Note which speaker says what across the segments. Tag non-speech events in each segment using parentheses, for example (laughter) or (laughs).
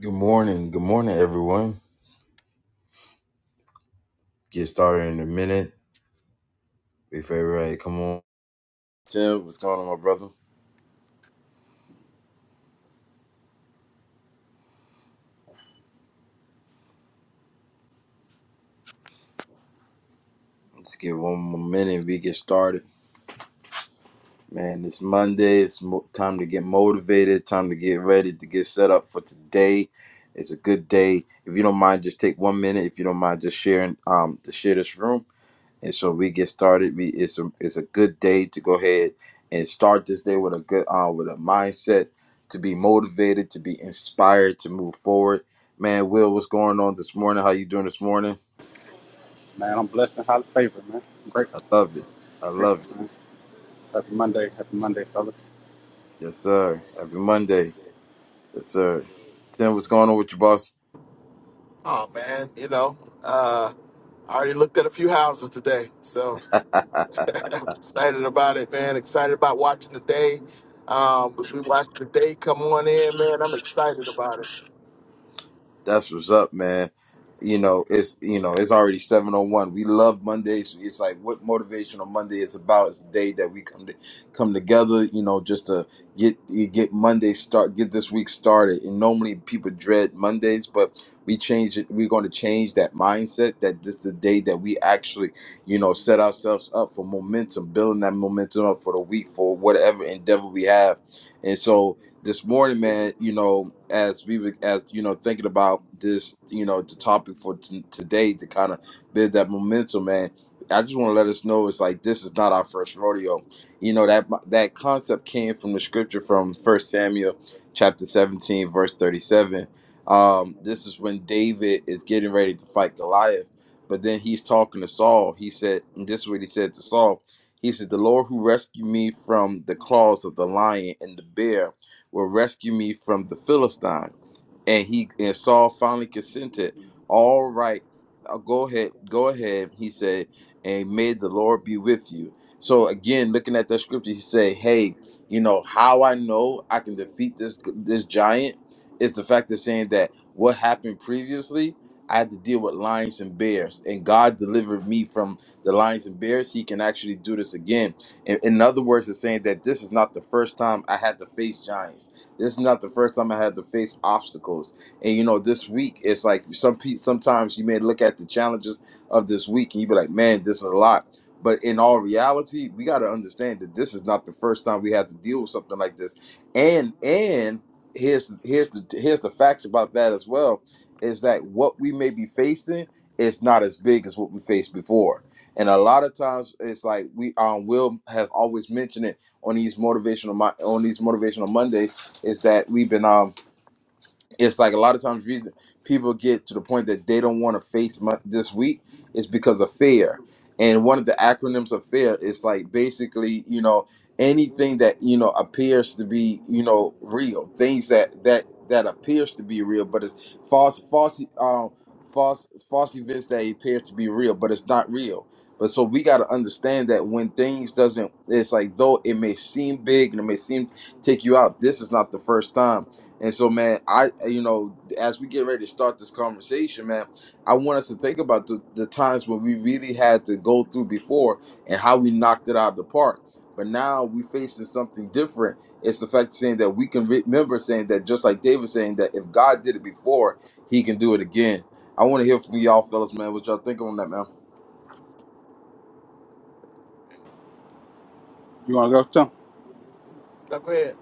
Speaker 1: Good morning. Good morning, everyone. Get started in a minute. If everybody come on. Tim, what's going on, my brother? Let's get one more minute we get started. Man, it's Monday. It's mo- time to get motivated, time to get ready to get set up for today. It's a good day. If you don't mind, just take one minute. If you don't mind, just sharing um to share this room And so we get started. We it's a it's a good day to go ahead and start this day with a good uh with a mindset to be motivated, to be inspired, to move forward. Man, Will, what's going on this morning? How you doing this morning?
Speaker 2: Man, I'm blessed and highly favored, man. I'm
Speaker 1: I
Speaker 2: grateful,
Speaker 1: love it. I
Speaker 2: grateful,
Speaker 1: love it.
Speaker 2: man. Happy Monday, happy Monday, fellas.
Speaker 1: Yes, sir. Happy Monday. Yes, sir. Tim, what's going on with your boss?
Speaker 3: Oh man, you know, uh, I already looked at a few houses today, so excited about it, man. Excited about watching the day. Um, as we watch the day come on in, man, I'm excited about it.
Speaker 1: That's what's up, man. You know, it's you know, it's already seven oh one. We love Mondays. It's like what motivational Monday is about. It's the day that we come to come together. You know, just to get get Monday start, get this week started. And normally people dread Mondays, but we change it. We're going to change that mindset. That this is the day that we actually, you know, set ourselves up for momentum, building that momentum up for the week for whatever endeavor we have. And so, this morning, man, you know, as we were, as you know, thinking about this, you know, the topic for t- today to kind of build that momentum, man. I just want to let us know it's like this is not our first rodeo. You know that that concept came from the scripture from First Samuel chapter seventeen, verse thirty-seven. Um, this is when David is getting ready to fight Goliath, but then he's talking to Saul. He said, and "This is what he said to Saul." He said, "The Lord who rescued me from the claws of the lion and the bear." will rescue me from the Philistine. And he and Saul finally consented. All right, uh, go ahead, go ahead. He said, and may the Lord be with you. So again, looking at that scripture, he said, hey, you know how I know I can defeat this this giant is the fact of saying that what happened previously. I had to deal with lions and bears, and God delivered me from the lions and bears. He can actually do this again in, in other words, it's saying that this is not the first time I had to face giants. This is not the first time I had to face obstacles. And you know, this week it's like some pe- sometimes you may look at the challenges of this week and you be like, man, this is a lot. But in all reality, we got to understand that this is not the first time we had to deal with something like this. And and here's here's the here's the facts about that as well is that what we may be facing is not as big as what we faced before and a lot of times it's like we um will have always mentioned it on these motivational Mon- on these motivational Monday is that we've been um it's like a lot of times reason people get to the point that they don't want to face mo- this week is because of fear and one of the acronyms of fear is like basically you know anything that you know appears to be you know real things that that that appears to be real but it's false false um false false events that appear to be real but it's not real but so we got to understand that when things doesn't it's like though it may seem big and it may seem take you out this is not the first time and so, man, I you know, as we get ready to start this conversation, man, I want us to think about the, the times when we really had to go through before and how we knocked it out of the park. But now we facing something different. It's the fact saying that we can remember saying that just like David saying that if God did it before, He can do it again. I want to hear from y'all, fellas, man. What y'all think on that, man?
Speaker 2: You wanna go too?
Speaker 3: Now, go ahead.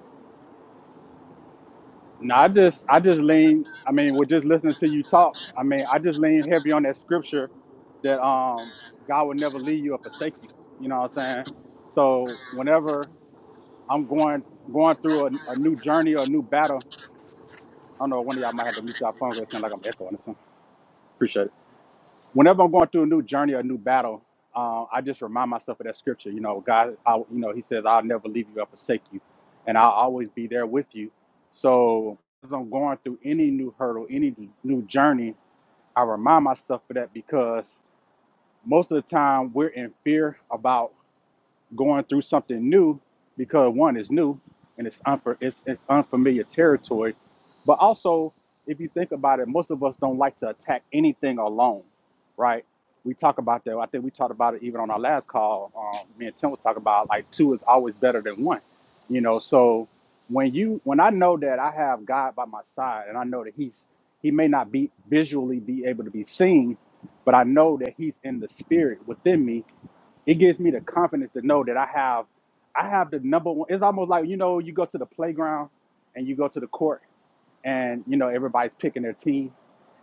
Speaker 2: No, I just, I just lean. I mean, with just listening to you talk, I mean, I just lean heavy on that scripture that um God would never leave you or forsake you. You know what I'm saying? So whenever I'm going going through a, a new journey or a new battle, I don't know. One of y'all might have to mute y'all phone. phone because It sounds like I'm echoing or something. Appreciate it. whenever I'm going through a new journey or a new battle, uh, I just remind myself of that scripture. You know, God, I, you know, He says, "I'll never leave you or forsake you," and I'll always be there with you. So as I'm going through any new hurdle, any new journey, I remind myself of that because most of the time we're in fear about going through something new because one is new and it's, unfa- it's, it's unfamiliar territory. But also, if you think about it, most of us don't like to attack anything alone, right? We talk about that. I think we talked about it even on our last call. Um, me and Tim was talking about like two is always better than one, you know. So when you when I know that I have God by my side and I know that He's He may not be visually be able to be seen, but I know that He's in the spirit within me it gives me the confidence to know that I have I have the number one. It's almost like you know you go to the playground and you go to the court and you know everybody's picking their team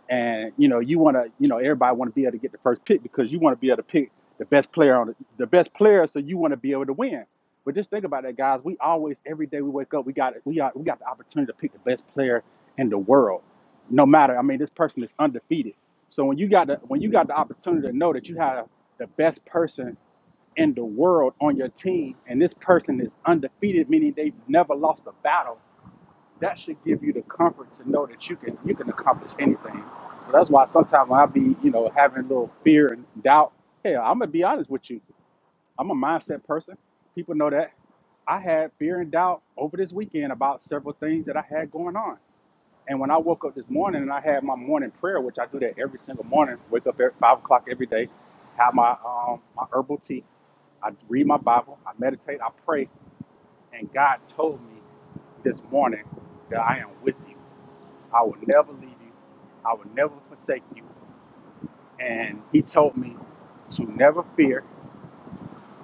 Speaker 2: and you know you want to you know everybody want to be able to get the first pick because you want to be able to pick the best player on the, the best player so you want to be able to win. But just think about that, guys. We always every day we wake up we got we got we got the opportunity to pick the best player in the world. No matter I mean this person is undefeated. So when you got the when you got the opportunity to know that you have the best person in the world on your team and this person is undefeated, meaning they've never lost a battle, that should give you the comfort to know that you can you can accomplish anything. So that's why sometimes when I be, you know, having a little fear and doubt, hell, I'm gonna be honest with you. I'm a mindset person. People know that. I had fear and doubt over this weekend about several things that I had going on. And when I woke up this morning and I had my morning prayer, which I do that every single morning, wake up at five o'clock every day, have my um, my herbal tea, I read my Bible, I meditate, I pray, and God told me this morning that I am with you. I will never leave you. I will never forsake you. And he told me to never fear.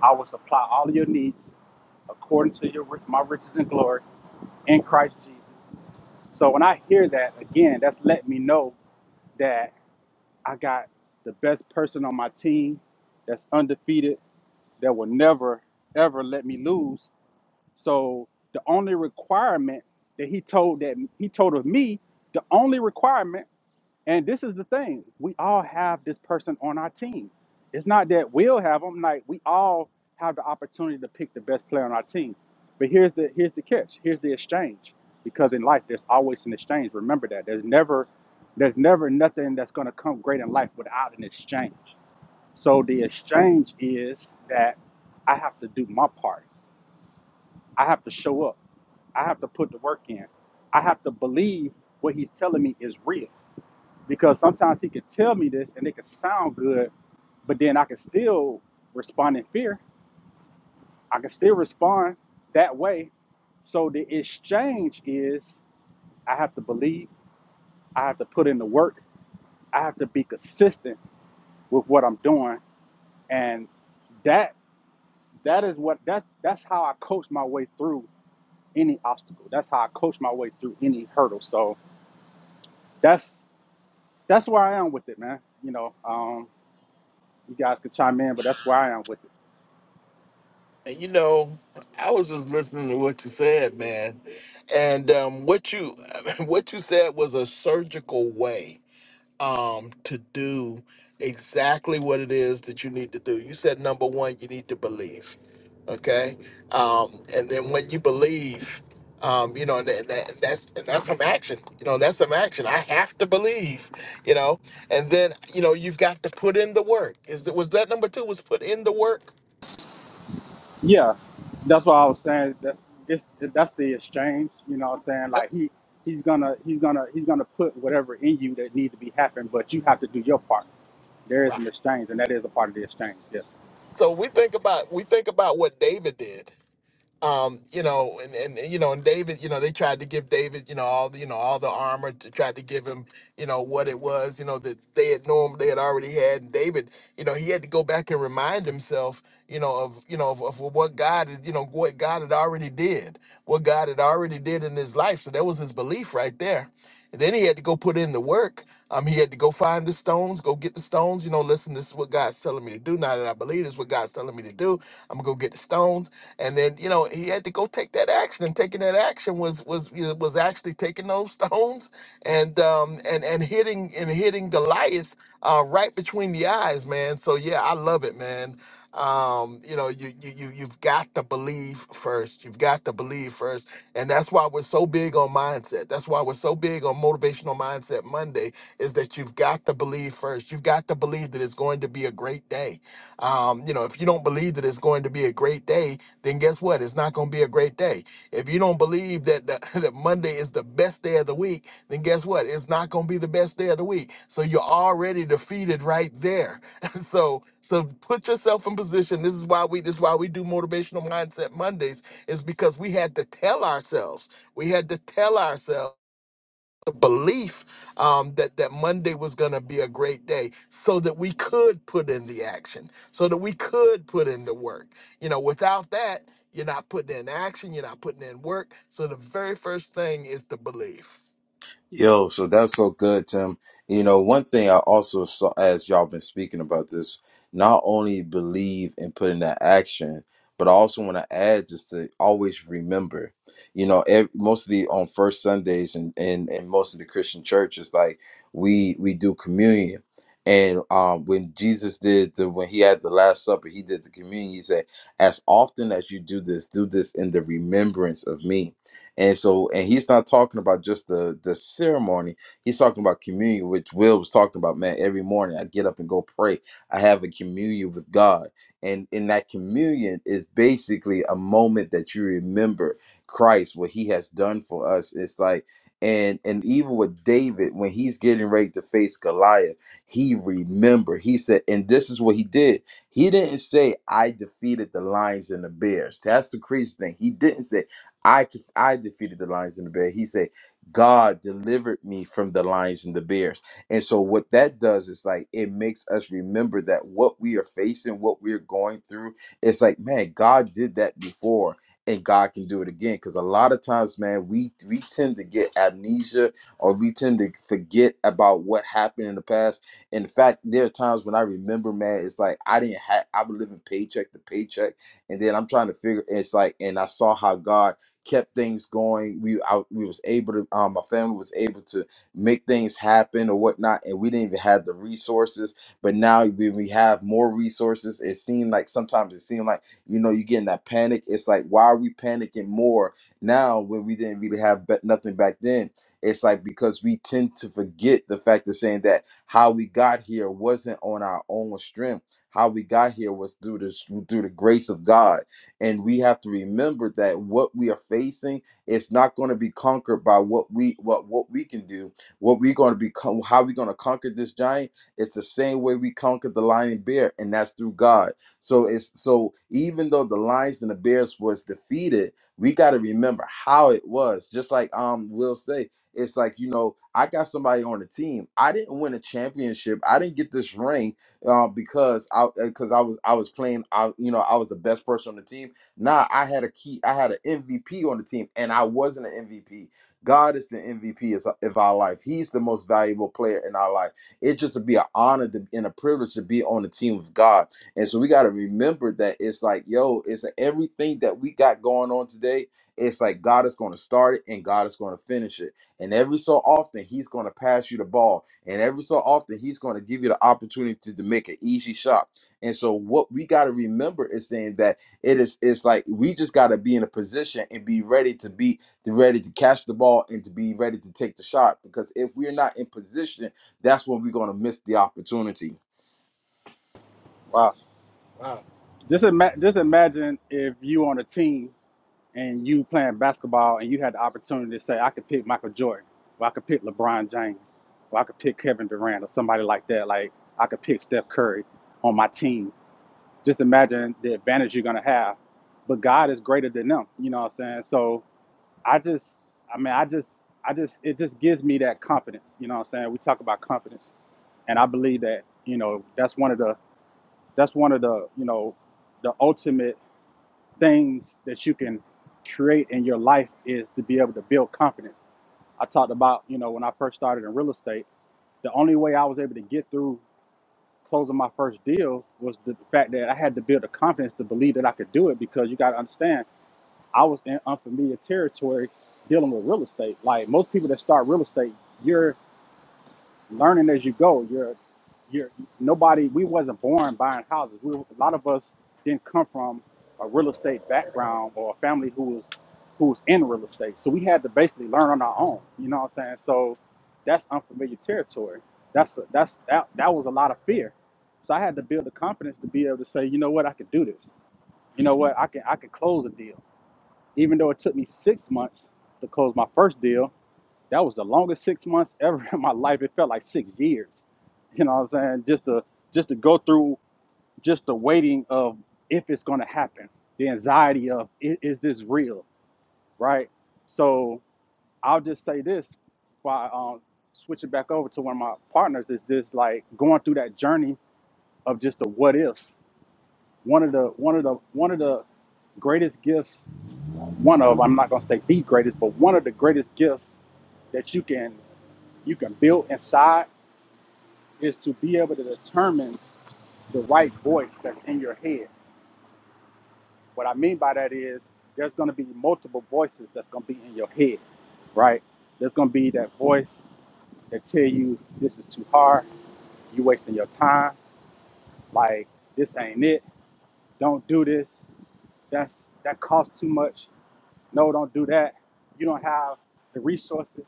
Speaker 2: I will supply all of your needs according to your my riches and glory in Christ Jesus. So when I hear that again, that's letting me know that I got the best person on my team that's undefeated, that will never ever let me lose. So the only requirement that he told that he told of me, the only requirement, and this is the thing, we all have this person on our team. It's not that we'll have them, like we all have the opportunity to pick the best player on our team. But here's the here's the catch. Here's the exchange. Because in life there's always an exchange. Remember that. There's never there's never nothing that's gonna come great in life without an exchange. So the exchange is that I have to do my part I have to show up. I have to put the work in. I have to believe what he's telling me is real. Because sometimes he could tell me this and it could sound good, but then I can still respond in fear. I can still respond that way. So the exchange is I have to believe, I have to put in the work, I have to be consistent with what I'm doing. And that that is what that that's how I coach my way through any obstacle. That's how I coach my way through any hurdle. So That's that's where I am with it, man. You know, um, you guys could chime in, but that's where I am with it.
Speaker 3: And you know, I was just listening to what you said, man, and um, what you (laughs) what you said was a surgical way. um, to do exactly what it is that you need to do. You said number one, you need to believe, okay? Um, and then when you believe, um, you know, and, that, that- that's and that's some action. You know, that's some action. I have to believe, you know, and then you know you've got to put in the work. Is that was that number two? Was put in the work?
Speaker 2: Yeah, that's what I was saying. That it's that's the exchange. You know, what I'm saying
Speaker 3: Yep,
Speaker 2: like he he's gonna he's gonna he's gonna put whatever in you that needs to be happening, but you have to do your part. There is an
Speaker 3: Right.
Speaker 2: exchange, and that is a part of the exchange. Yes.
Speaker 3: So we think about we think about what David did. um, you know, and, and you know, and David, you know, they tried to give David, you know, all the, you know, all the armor to try to give him, you know, what it was, you know, that they had known they had already had. And David, you know, he had to go back and remind himself, you know, of you know of, of what God, is- you know, what God had already did, what God had already did in his life. So that was his belief right there. And then he had to go put in the work. Um, he had to go find the stones, go get the stones. You know, listen, this is what God's telling me to do. Now that I believe this is what God's telling me to do, I'm gonna go get the stones and then you know he had to go take that action and taking that action was was you know, was actually taking those (laughs) stones and um and and hitting and hitting goliath uh right between the eyes man so yeah i love it man um you know you you, you you've got to believe first you've got to believe first and that's why we're so big on mindset that's why we're so big on motivational mindset monday is that you've got to believe first you've got to believe that it's going to be a great day um you know if you don't believe that it's going to be a great day then guess what? It's not going to be a great day. If you don't believe that, that (laughs) that Monday is the best day of the week, then guess what? It's not going to be the best day of the week. So you're already defeated right there. (laughs) so so put yourself in position. This is why we this is why we do motivational mindset Mondays is because we had to tell ourselves. We had to tell ourselves the belief um, that that Monday was going to be a great day, so that we could put in the action, so that we could put in the work. You know, without that, you're not putting in action, you're not putting in work. So the very first thing is the belief.
Speaker 1: Yo, so that's so good, Tim. You know, one thing I also saw as y'all been speaking about this, not only believe and put into action, but I also want to add just to always remember. You know, ev- mostly on first Sundays and and and most of the Christian churches, like we we do communion. And um, when Jesus did the when he had the Last Supper, he did the communion. He said, "As often as you do this, do this in the remembrance of me." And so, and he's not talking about just the the ceremony. He's talking about communion, which Will was talking about. Man, every morning I get up and go pray. I have a communion with God, and in that communion is basically a moment that you remember Christ, what He has done for us. It's like, and and even with David when he's getting ready to face Goliath, he remember. He said, and this is what he did. He didn't say, "I defeated the lions and the bears." That's the crazy thing. He didn't say. I could, I defeated the lions and the bear. He said, God delivered me from the lions and the bears. And so what that does is like it makes us remember that what we are facing, what we're going through, it's like, man, God did that before and God can do it again. Cause a lot of times, man, we we tend to get amnesia or we tend to forget about what happened in the past. In fact, there are times when I remember, man, it's like I didn't have I was living paycheck to paycheck. And then I'm trying to figure it's like, and I saw how God kept things going. We I, we was able to um my family was able to make things happen or whatnot, and we didn't even have the resources. But now when we have more resources, it seemed like sometimes it seemed like you know you get in that panic. It's like why are we panicking more now when we didn't really have but nothing back then? It's like because we tend to forget the fact of saying that how we got here wasn't on our own strength. How we got here was through the through the grace of God and we have to remember that what we are facing is not going to be conquered by what we what what we can do. What we're going to be con- how we're going to conquer this giant It's the same way we conquered the lion and bear, and that's through God. So it's so even though the lions and the bears was defeated, we got to remember how it was. Just like um Will say, it's like you know I got somebody on the team. I didn't win a championship. I didn't get this ring uh, because I because I was I was playing. I you know I was the best person on the team Nah, I had a key. I had an MVP on the team, and I wasn't an MVP. God is the MVP of our life. He's the most valuable player in our life. It just would be an honor to, and a privilege to be on the team with God. And so we got to remember that it's like, yo, it's everything that we got going on today. It's like God is going to start it and God is going to finish it. And every so often, He's going to pass you the ball. And every so often, He's going to give you the opportunity to make an easy shot. And so, what we got to remember is saying that it is it's like we just gotta be in a position and be ready to be to ready to catch the ball and to be ready to take the shot. Because if we're not in position, that's when we're gonna miss the opportunity.
Speaker 2: Wow.
Speaker 3: Wow.
Speaker 2: Just ima- just imagine if you on a team and you playing basketball and you had the opportunity to say, I could pick Michael Jordan, or I could pick LeBron James, or I could pick Kevin Durant or somebody like that, like I could pick Steph Curry on my team. Just imagine the advantage you're gonna have. But God is greater than them, you know what I'm saying? So I just I mean I just I just it just gives me that confidence, you know what I'm saying? We talk about confidence. And I believe that, you know, that's one of the that's one of the, you know, the ultimate things that you can create in your life is to be able to build confidence. I talked about, you know, when I first started in real estate, the only way I was able to get through closing my first deal was the fact that I had to build the confidence to believe that I could do it because you got to understand, I was in unfamiliar territory dealing with real estate. Like most people that start real estate, you're learning as you go. You're, you're nobody. We wasn't born buying houses. We, were- a lot of us didn't come from a real estate background or a family who was who was in real estate. So we had to basically learn on our own. You know what I'm saying? So that's unfamiliar territory. That's the, that's that that was a lot of fear. So I had to build the confidence to be able to say, you know what, I can do this. You know what, I can I can close a deal, even though it took me six months to close my first deal. That was the longest six months (laughs) ever in my life. It felt like six years. You know what I'm saying? Just to just to go through just the waiting of if it's gonna happen, the anxiety of is, is this real, right? So I'll just say this by um, switching back over to one of my partners is just like going through that journey of just the what ifs. One of the one of the one of the greatest gifts, one of I'm not gonna say the greatest, but one of the greatest gifts that you can you can build inside is to be able to determine the right voice that's in your head. What I mean by that is there's going to be multiple voices that's going to be in your head, right? There's going to be that voice that tell you this is too hard, you wasting your time, like this ain't it, don't do this, that's that costs too much. No, don't do that. You don't have the resources,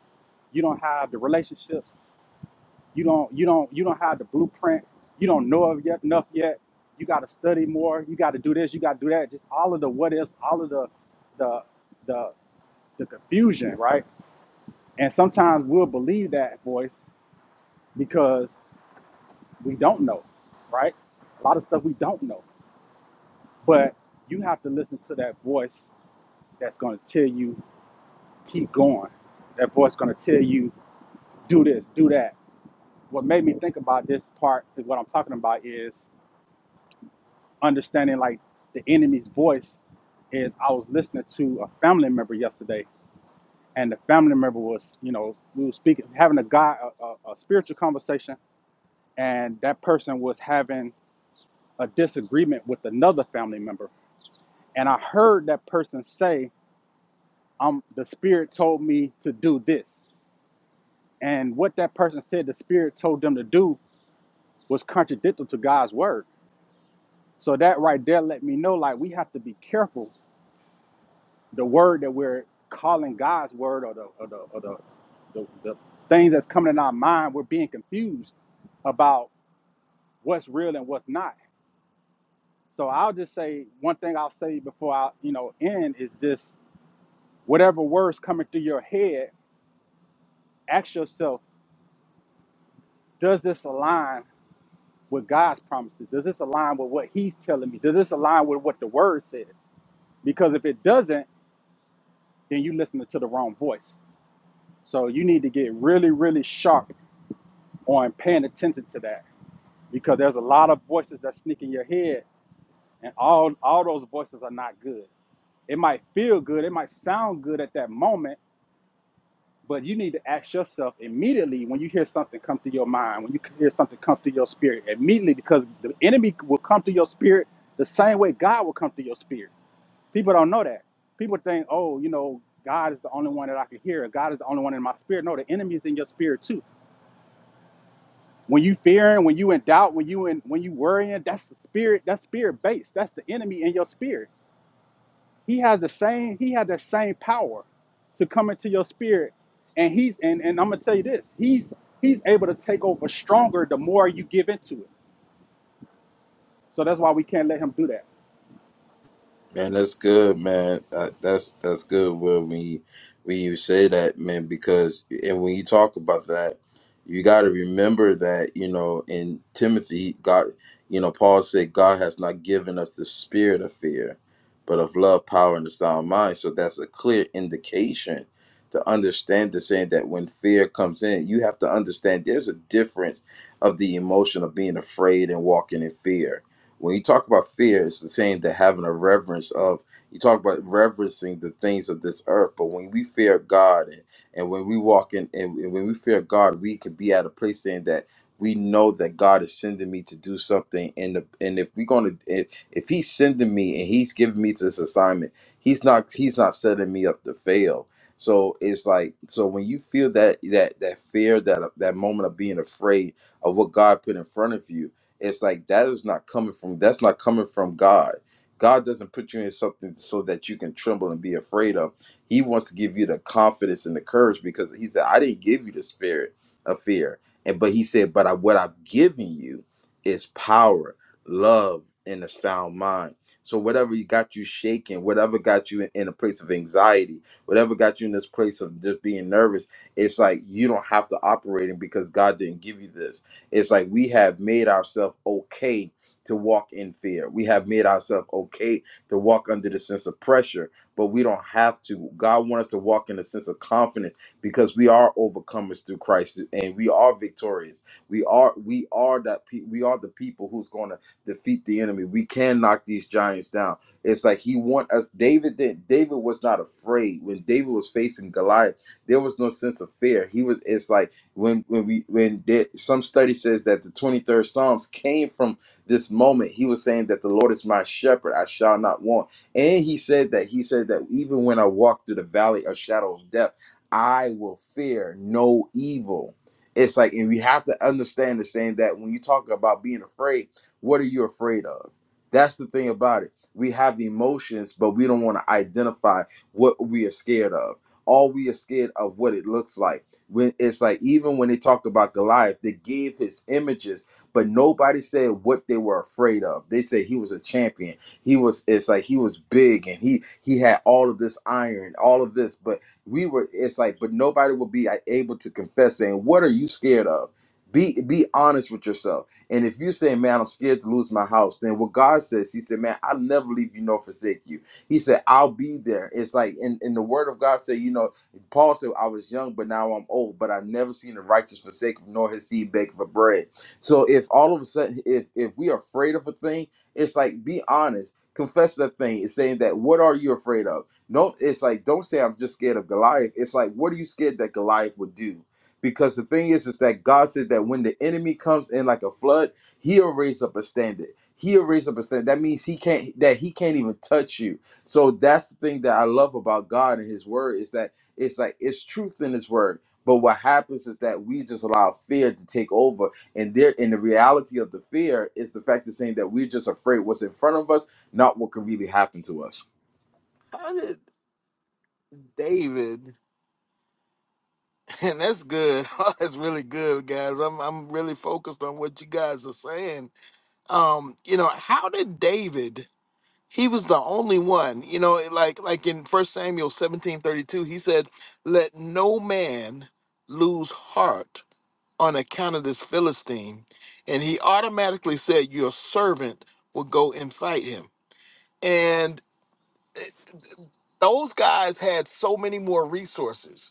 Speaker 2: you don't have the relationships, you don't you don't you don't have the blueprint you don't know of yet enough yet you got to study more you got to do this you got to do that just all of the what ifs all of the the the the confusion right and sometimes we'll believe that voice because we don't know right a lot of stuff we don't know but you have to listen to that voice that's going to tell you keep going that voice going to tell you do this do that what made me think about this part is what i'm talking about is understanding like the enemy's voice is I was listening to a family member yesterday, and the family member was, you know, we were speaking, having a guy, a, a, a spiritual conversation, and that person was having a disagreement with another family member, and I heard that person say, "Um, the spirit told me to do this," and what that person said, the spirit told them to do, was contradictory to God's word. So that right there let me know, like, we have to be careful the word that we're calling God's word or the or the or the, the, the things that's coming in our mind, we're being confused about what's real and what's not. So I'll just say one thing I'll say before I you know end is this: whatever words coming through your head, ask yourself, does this align with God's promises? Does this align with what He's telling me? Does this align with what the Word says? Because if it doesn't, then you listening to the wrong voice. So you need to get really, really sharp on paying attention to that because there's a lot of voices that sneak in your head and all all those voices are not good it might feel good it might sound good at that moment but you need to ask yourself immediately when you hear something come to your mind when you hear something come to your spirit immediately because the enemy will come to your spirit the same way god will come to your spirit people don't know that people think oh you know god is the only one that i can hear god is the only one in my spirit no the enemy is in your spirit too When you fearing, when you in doubt, when you in when you worrying, that's the spirit, that's spirit based. That's the enemy in your spirit. He has the same, he has the same power to come into your spirit. And he's and, and I'm gonna tell you this, he's he's able to take over stronger the more you give into it. So that's why we can't let him do that.
Speaker 1: Man, that's good, man. That, that's that's good when we when you say that, man, because and when you talk about that, you got to remember that you know in Timothy, God, you know, Paul said God has not given us the spirit of fear, but of love, power, and a sound mind. So that's a clear indication to understand the saying that when fear comes in, you have to understand there's a difference of the emotion of being afraid and walking in fear when you talk about fear, it's the same that having a reverence of. You talk about reverencing the things of this earth, but when we fear God and, and when we walk in and, and when we fear God, we can be at a place saying that we know that God is sending me to do something. And the, and if we're gonna if, if He's sending me and He's giving me to this assignment, He's not He's not setting me up to fail. So it's like so when you feel that that that fear that that moment of being afraid of what God put in front of you, it's like that is not coming from that's not coming from god god doesn't put you in something so that you can tremble and be afraid of he wants to give you the confidence and the courage because he said i didn't give you the spirit of fear and but he said but I, what i've given you is power love and a sound mind so whatever you got you shaking whatever got you in, in a place of anxiety whatever got you in this place of just being nervous it's like you don't have to operate in because god didn't give you this it's like we have made ourselves okay to walk in fear. We have made ourselves okay to walk under the sense of pressure, but we don't have to. God wants us to walk in a sense of confidence because we are overcomers through Christ and we are victorious. We are we are that pe- we are the people who's going to defeat the enemy. We can knock these giants down. It's like he want us David did David was not afraid when David was facing Goliath. There was no sense of fear. He was it's like when when we when there, some study says that the 23rd psalms came from this moment he was saying that the lord is my shepherd i shall not want and he said that he said that even when i walk through the valley of shadow of death i will fear no evil it's like and we have to understand the saying that when you talk about being afraid what are you afraid of that's the thing about it we have emotions but we don't want to identify what we are scared of all we are scared of what it looks like when it's like even when they talked about Goliath, they gave his images, but nobody said what they were afraid of. They said he was a champion. He was it's like he was big and he he had all of this iron, all of this, but we were it's like but nobody would be like, able to confess saying, "What are you scared of?" Be be honest with yourself. And if you say, "Man, I'm scared to lose my house," then what God says, He said, "Man, I'll never leave you nor forsake you." He said, "I'll be there." It's like, and, and the Word of God said, you know, Paul said, I was young, but now I'm old, but I've never seen the righteous forsaken, nor his seed beg for bread. So if all of a sudden, if if we are afraid of a thing, it's like be honest. Confess that thing. It's saying that what are you afraid of? No, it's like don't say I'm just scared of Goliath. It's like what are you scared that Goliath would do? Because the thing is, is that God said that when the enemy comes in like a flood, he'll raise up a standard. He'll raise up a standard. That means he can't that he can't even touch you. So that's the thing that I love about God and his word is that it's like it's truth in His word. But what happens is that we just allow fear to take over, and there, and the reality of the fear is the fact of saying that we're just afraid what's in front of us, not what could really happen to us.
Speaker 3: How did David? (laughs) And that's good. (laughs) that's really good, guys. I'm I'm really focused on what you guys are saying. Um, you know, how did David? he was the only one you know like like in first samuel seventeen thirty two, he said let no man lose heart on account of this philistine and he automatically said your servant will go and fight him and eh, those guys had so many more resources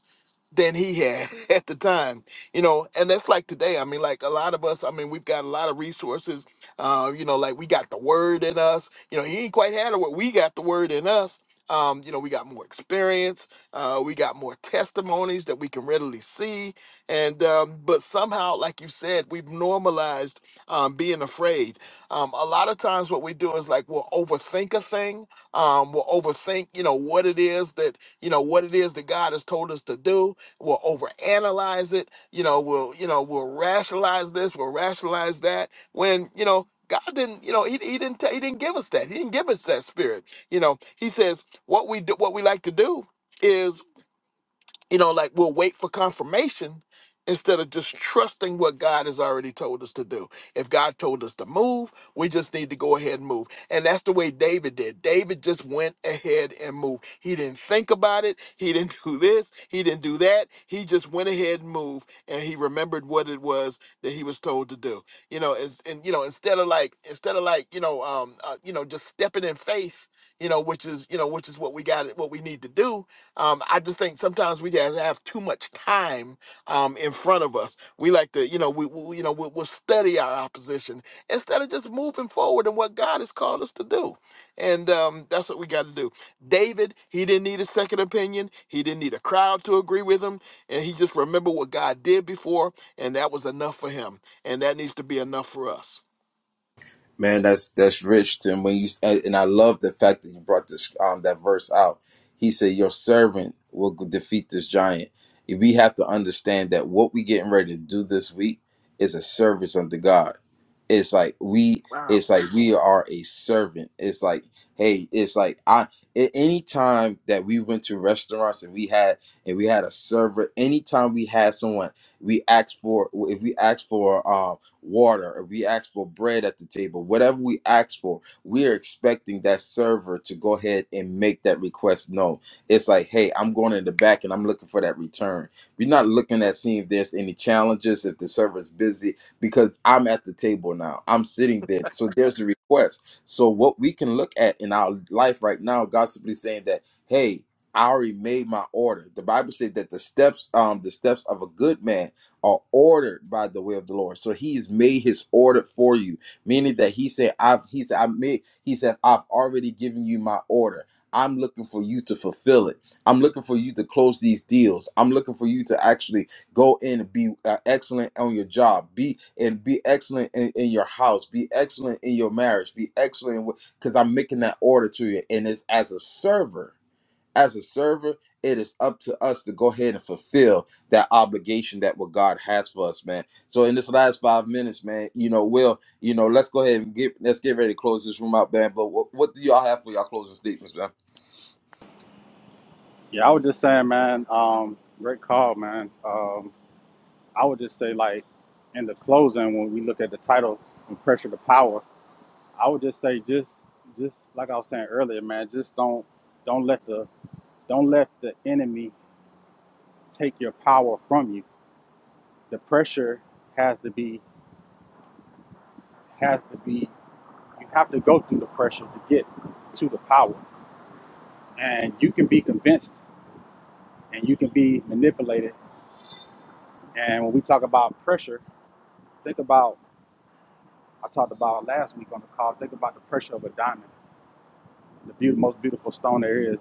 Speaker 3: than he had (laughs) at the time you know and that's like today i mean like a lot of us i mean we've got a lot of resources uh you know like we got the word in us you know he ain't quite had it but we got the word in us um you know we got more experience uh we got more testimonies that we can readily see and um but somehow like you said we've normalized um being afraid um a lot of times what we do is like we'll overthink a thing um we'll overthink you know what it is that you know what it is that god has told us to do We'll overanalyze it. You know, we'll you know we'll rationalize this. We'll rationalize that. When you know God didn't, you know, he, he didn't ta- he didn't give us that. He didn't give us that spirit. You know, He says what we do, what we like to do is you know, like we'll wait for confirmation instead of just trusting what God has already told us to do. If God told us to move, we just need to go ahead and move. And that's the way David did. David just went ahead and moved. He didn't think about it. He didn't (laughs) do this. He didn't do that. He just went ahead and moved and he remembered what it was that he was told to do. You know, it's, and you know, instead of like instead of like, you know, um uh, you know, just stepping in faith, you know, which is, you know, which is what we got what we need to do um, I just think sometimes we just have too much time um, in front of us. We like to, you know, we, we you know, we, we'll study our opposition instead of just moving forward in what God has called us to do. And um, that's what we got to do. David, he didn't need a second opinion. He didn't need a crowd to agree with him, and he just remembered what God did before, and that was enough for him. And that needs to be enough for us.
Speaker 1: Man, that's that's rich, Tim. When you and and I love the fact that you brought this um that verse out. He said, "Your servant will g- defeat this giant." We have to understand that what we getting ready to do this week is a service unto God. It's like we, it's like we are a servant. It's like, hey, it's like I. a- Any time that we went to restaurants and we had and we had a server, anytime we had someone, we asked for if we asked for um, water or we ask for bread at the table, whatever we ask for, we are expecting that server to go ahead and make that request known. It's like, hey, I'm going in the back and I'm looking for that return. We're not looking at seeing if there's any challenges, if the server's busy, because I'm at the table now. I'm sitting there. So there's a request. So what we can look at in our life right now, God's simply saying that, hey, I already made my order. The Bible said that the steps, um, the steps of a good man are ordered by the way of the Lord. So he has made his order for you, meaning that he said, I've he said, I made he said, I've already given you my order. I'm looking for you to fulfill it. I'm looking for you to close these deals. I'm looking for you to actually go in and be uh, excellent on your job. Be and be excellent in, in your house. Be excellent in your marriage. Be excellent because I'm making that order to you. And it's as a server as a server, it is up to us to go ahead and fulfill that obligation that what God has for us, man. So in this last five minutes, man, you know, Will, you know, let's go ahead and get let's get ready to close this room out, man. But what, what do y'all have for y'all closing statements, man?
Speaker 2: Yeah, I was just saying, man, um, great call, man. Um, I would just say like in the closing when we look at the title from pressure to power, I would just say just just like I was saying earlier, man, just don't don't let the don't let the enemy take your power from you. The pressure has to be has to be you have to go through the pressure to get to the power. And you can be convinced and you can be manipulated. And when we talk about pressure, think about I talked about last week on the call, think about the pressure of a diamond. The beaut most beautiful stone there is.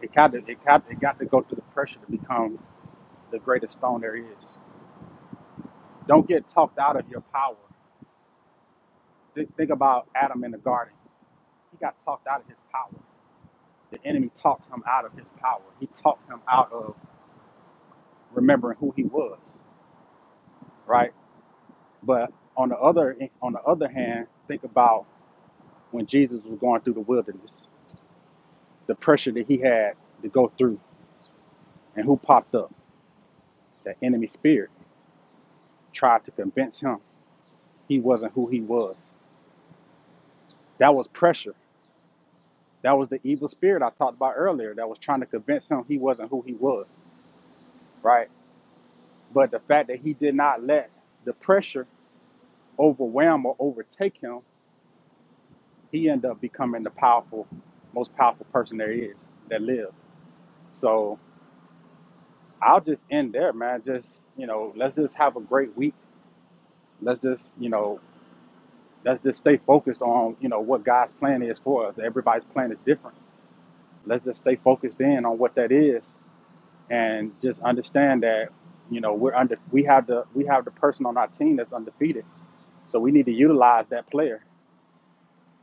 Speaker 2: It got to, it got it got to go through the pressure to become the greatest stone there is. Don't get talked out of your power. Th- Think about Adam in the garden. He got talked out of his power. The enemy talked him out of his power. He talked him out of remembering who he was, right? But on the other on the other hand, think about when Jesus was going through the wilderness, the pressure that he had to go through, and who popped up? The enemy spirit tried to convince him he wasn't who he was. That was pressure. That was the evil spirit I talked about earlier that was trying to convince him he wasn't who he was, right? But the fact that he did not let the pressure overwhelm or overtake him, he ended up becoming the powerful, most powerful person there is that lived. So I'll just end there, man. Just you know, let's just have a great week. Let's just you know, let's just stay focused on you know what God's plan is for us. Everybody's plan is different. Let's just stay focused in on what that is, and just understand that you know we're under we have the we have the person on our team that's undefeated. So we need to utilize that player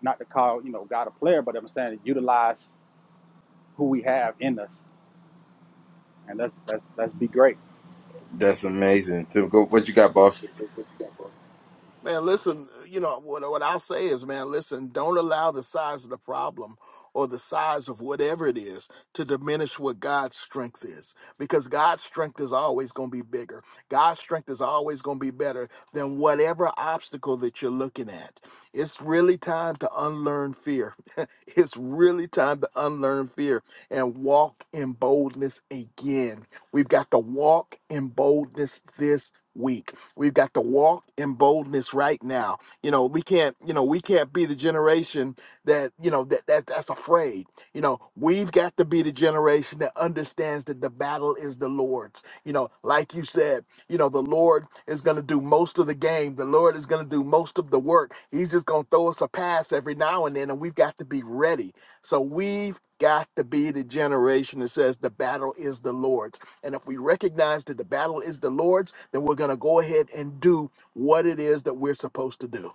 Speaker 2: not to call you know God a player, but I'm saying utilize who we have in us, and let's let's let's be great.
Speaker 1: That's amazing. Tim, go
Speaker 2: What
Speaker 1: what you got, boss?
Speaker 2: you got for us
Speaker 3: Man, listen, you know, what, what I'll say is, man, listen, don't allow the size of the problem or the size of whatever it is to diminish what God's strength is. Because God's strength is always going to be bigger. God's strength is always going to be better than whatever obstacle that you're looking at. It's really time to unlearn fear. (laughs) it's really time to unlearn fear and walk in boldness again. We've got to walk in boldness this week. We've got to walk in boldness right now. You know, we can't, you know, we can't be the generation that, you know, that, that that's afraid. You know, we've got to be the generation that understands that the battle is the Lord's. You know, like you said, you know, the Lord is going to do most of the game. The Lord is going to do most of the work. He's just going to throw us a pass every now and then and we've got to be ready. So we've got to be the generation that says the battle is the Lord's. And if we recognize that the battle is the Lord's, then we're going to go ahead and do what it is that we're supposed to do.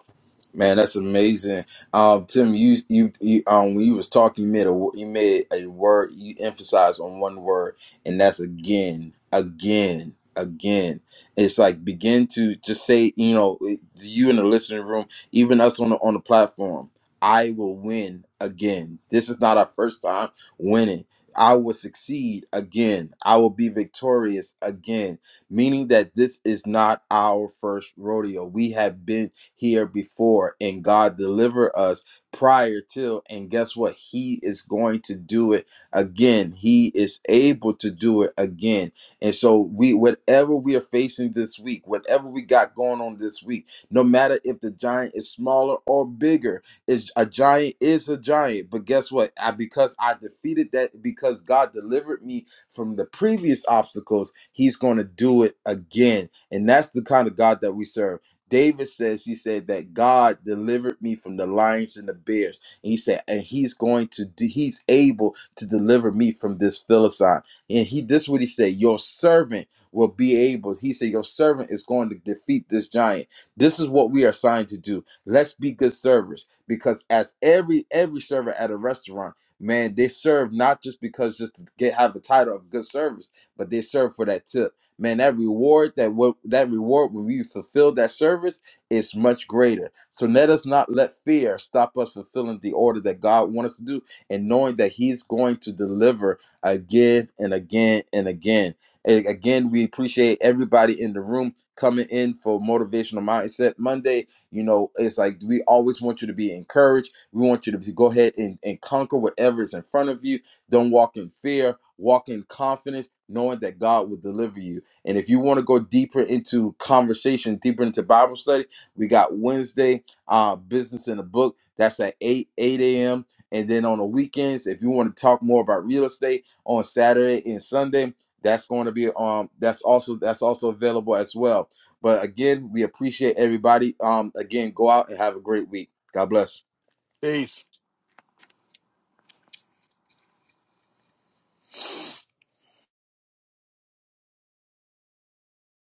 Speaker 1: Man, that's amazing. Um, Tim, you you, you um when you was talking, you made a wo- you made a word you emphasized on one word, and that's again, again, again. It's like begin to just say, you know, it- you in the listening room, even us on the on the platform. I will win again. This is not our first time winning. I will succeed again. I will be victorious again. Meaning that this is not our first rodeo. We have been here before and God deliver us prior to and guess what he is going to do it again he is able to do it again and so we whatever we are facing this week whatever we got going on this week no matter if the giant is smaller or bigger is a giant is a giant but guess what I because I defeated that because God delivered me from the previous obstacles he's going to do it again and that's the kind of God that we serve David says, he said that God delivered me from the lions and the bears. And he said, and he's going to, do, he's able to deliver me from this Philistine. And he, this is what he said, your servant will be able. He said, your servant is going to defeat this giant. This is what we are assigned to do. Let's be good servers because as every, every server at a restaurant, man, they serve not just because just to get, have the title of good service, but they serve for that tip man, that reward that what that reward when we fulfill that service is much greater. So let us not let fear stop us fulfilling the order that God wants us to do, and knowing that He's going to deliver again and again and again. And again, we appreciate everybody in the room coming in for motivational mindset Monday. You know, it's like we always want you to be encouraged. We want you to be- go ahead and, and conquer whatever is in front of you. Don't walk in fear. Walk in confidence, knowing that God will deliver you and if you want to go deeper into conversation, deeper into Bible study, we got Wednesday, uh, business in the book. That's at 8, 8 a.m. And then on the weekends, if you want to talk more about real estate on Saturday and Sunday, that's going to be um that's also that's also available as well. But again, we appreciate everybody. Um again, go out and have a great week. God bless.
Speaker 3: Peace.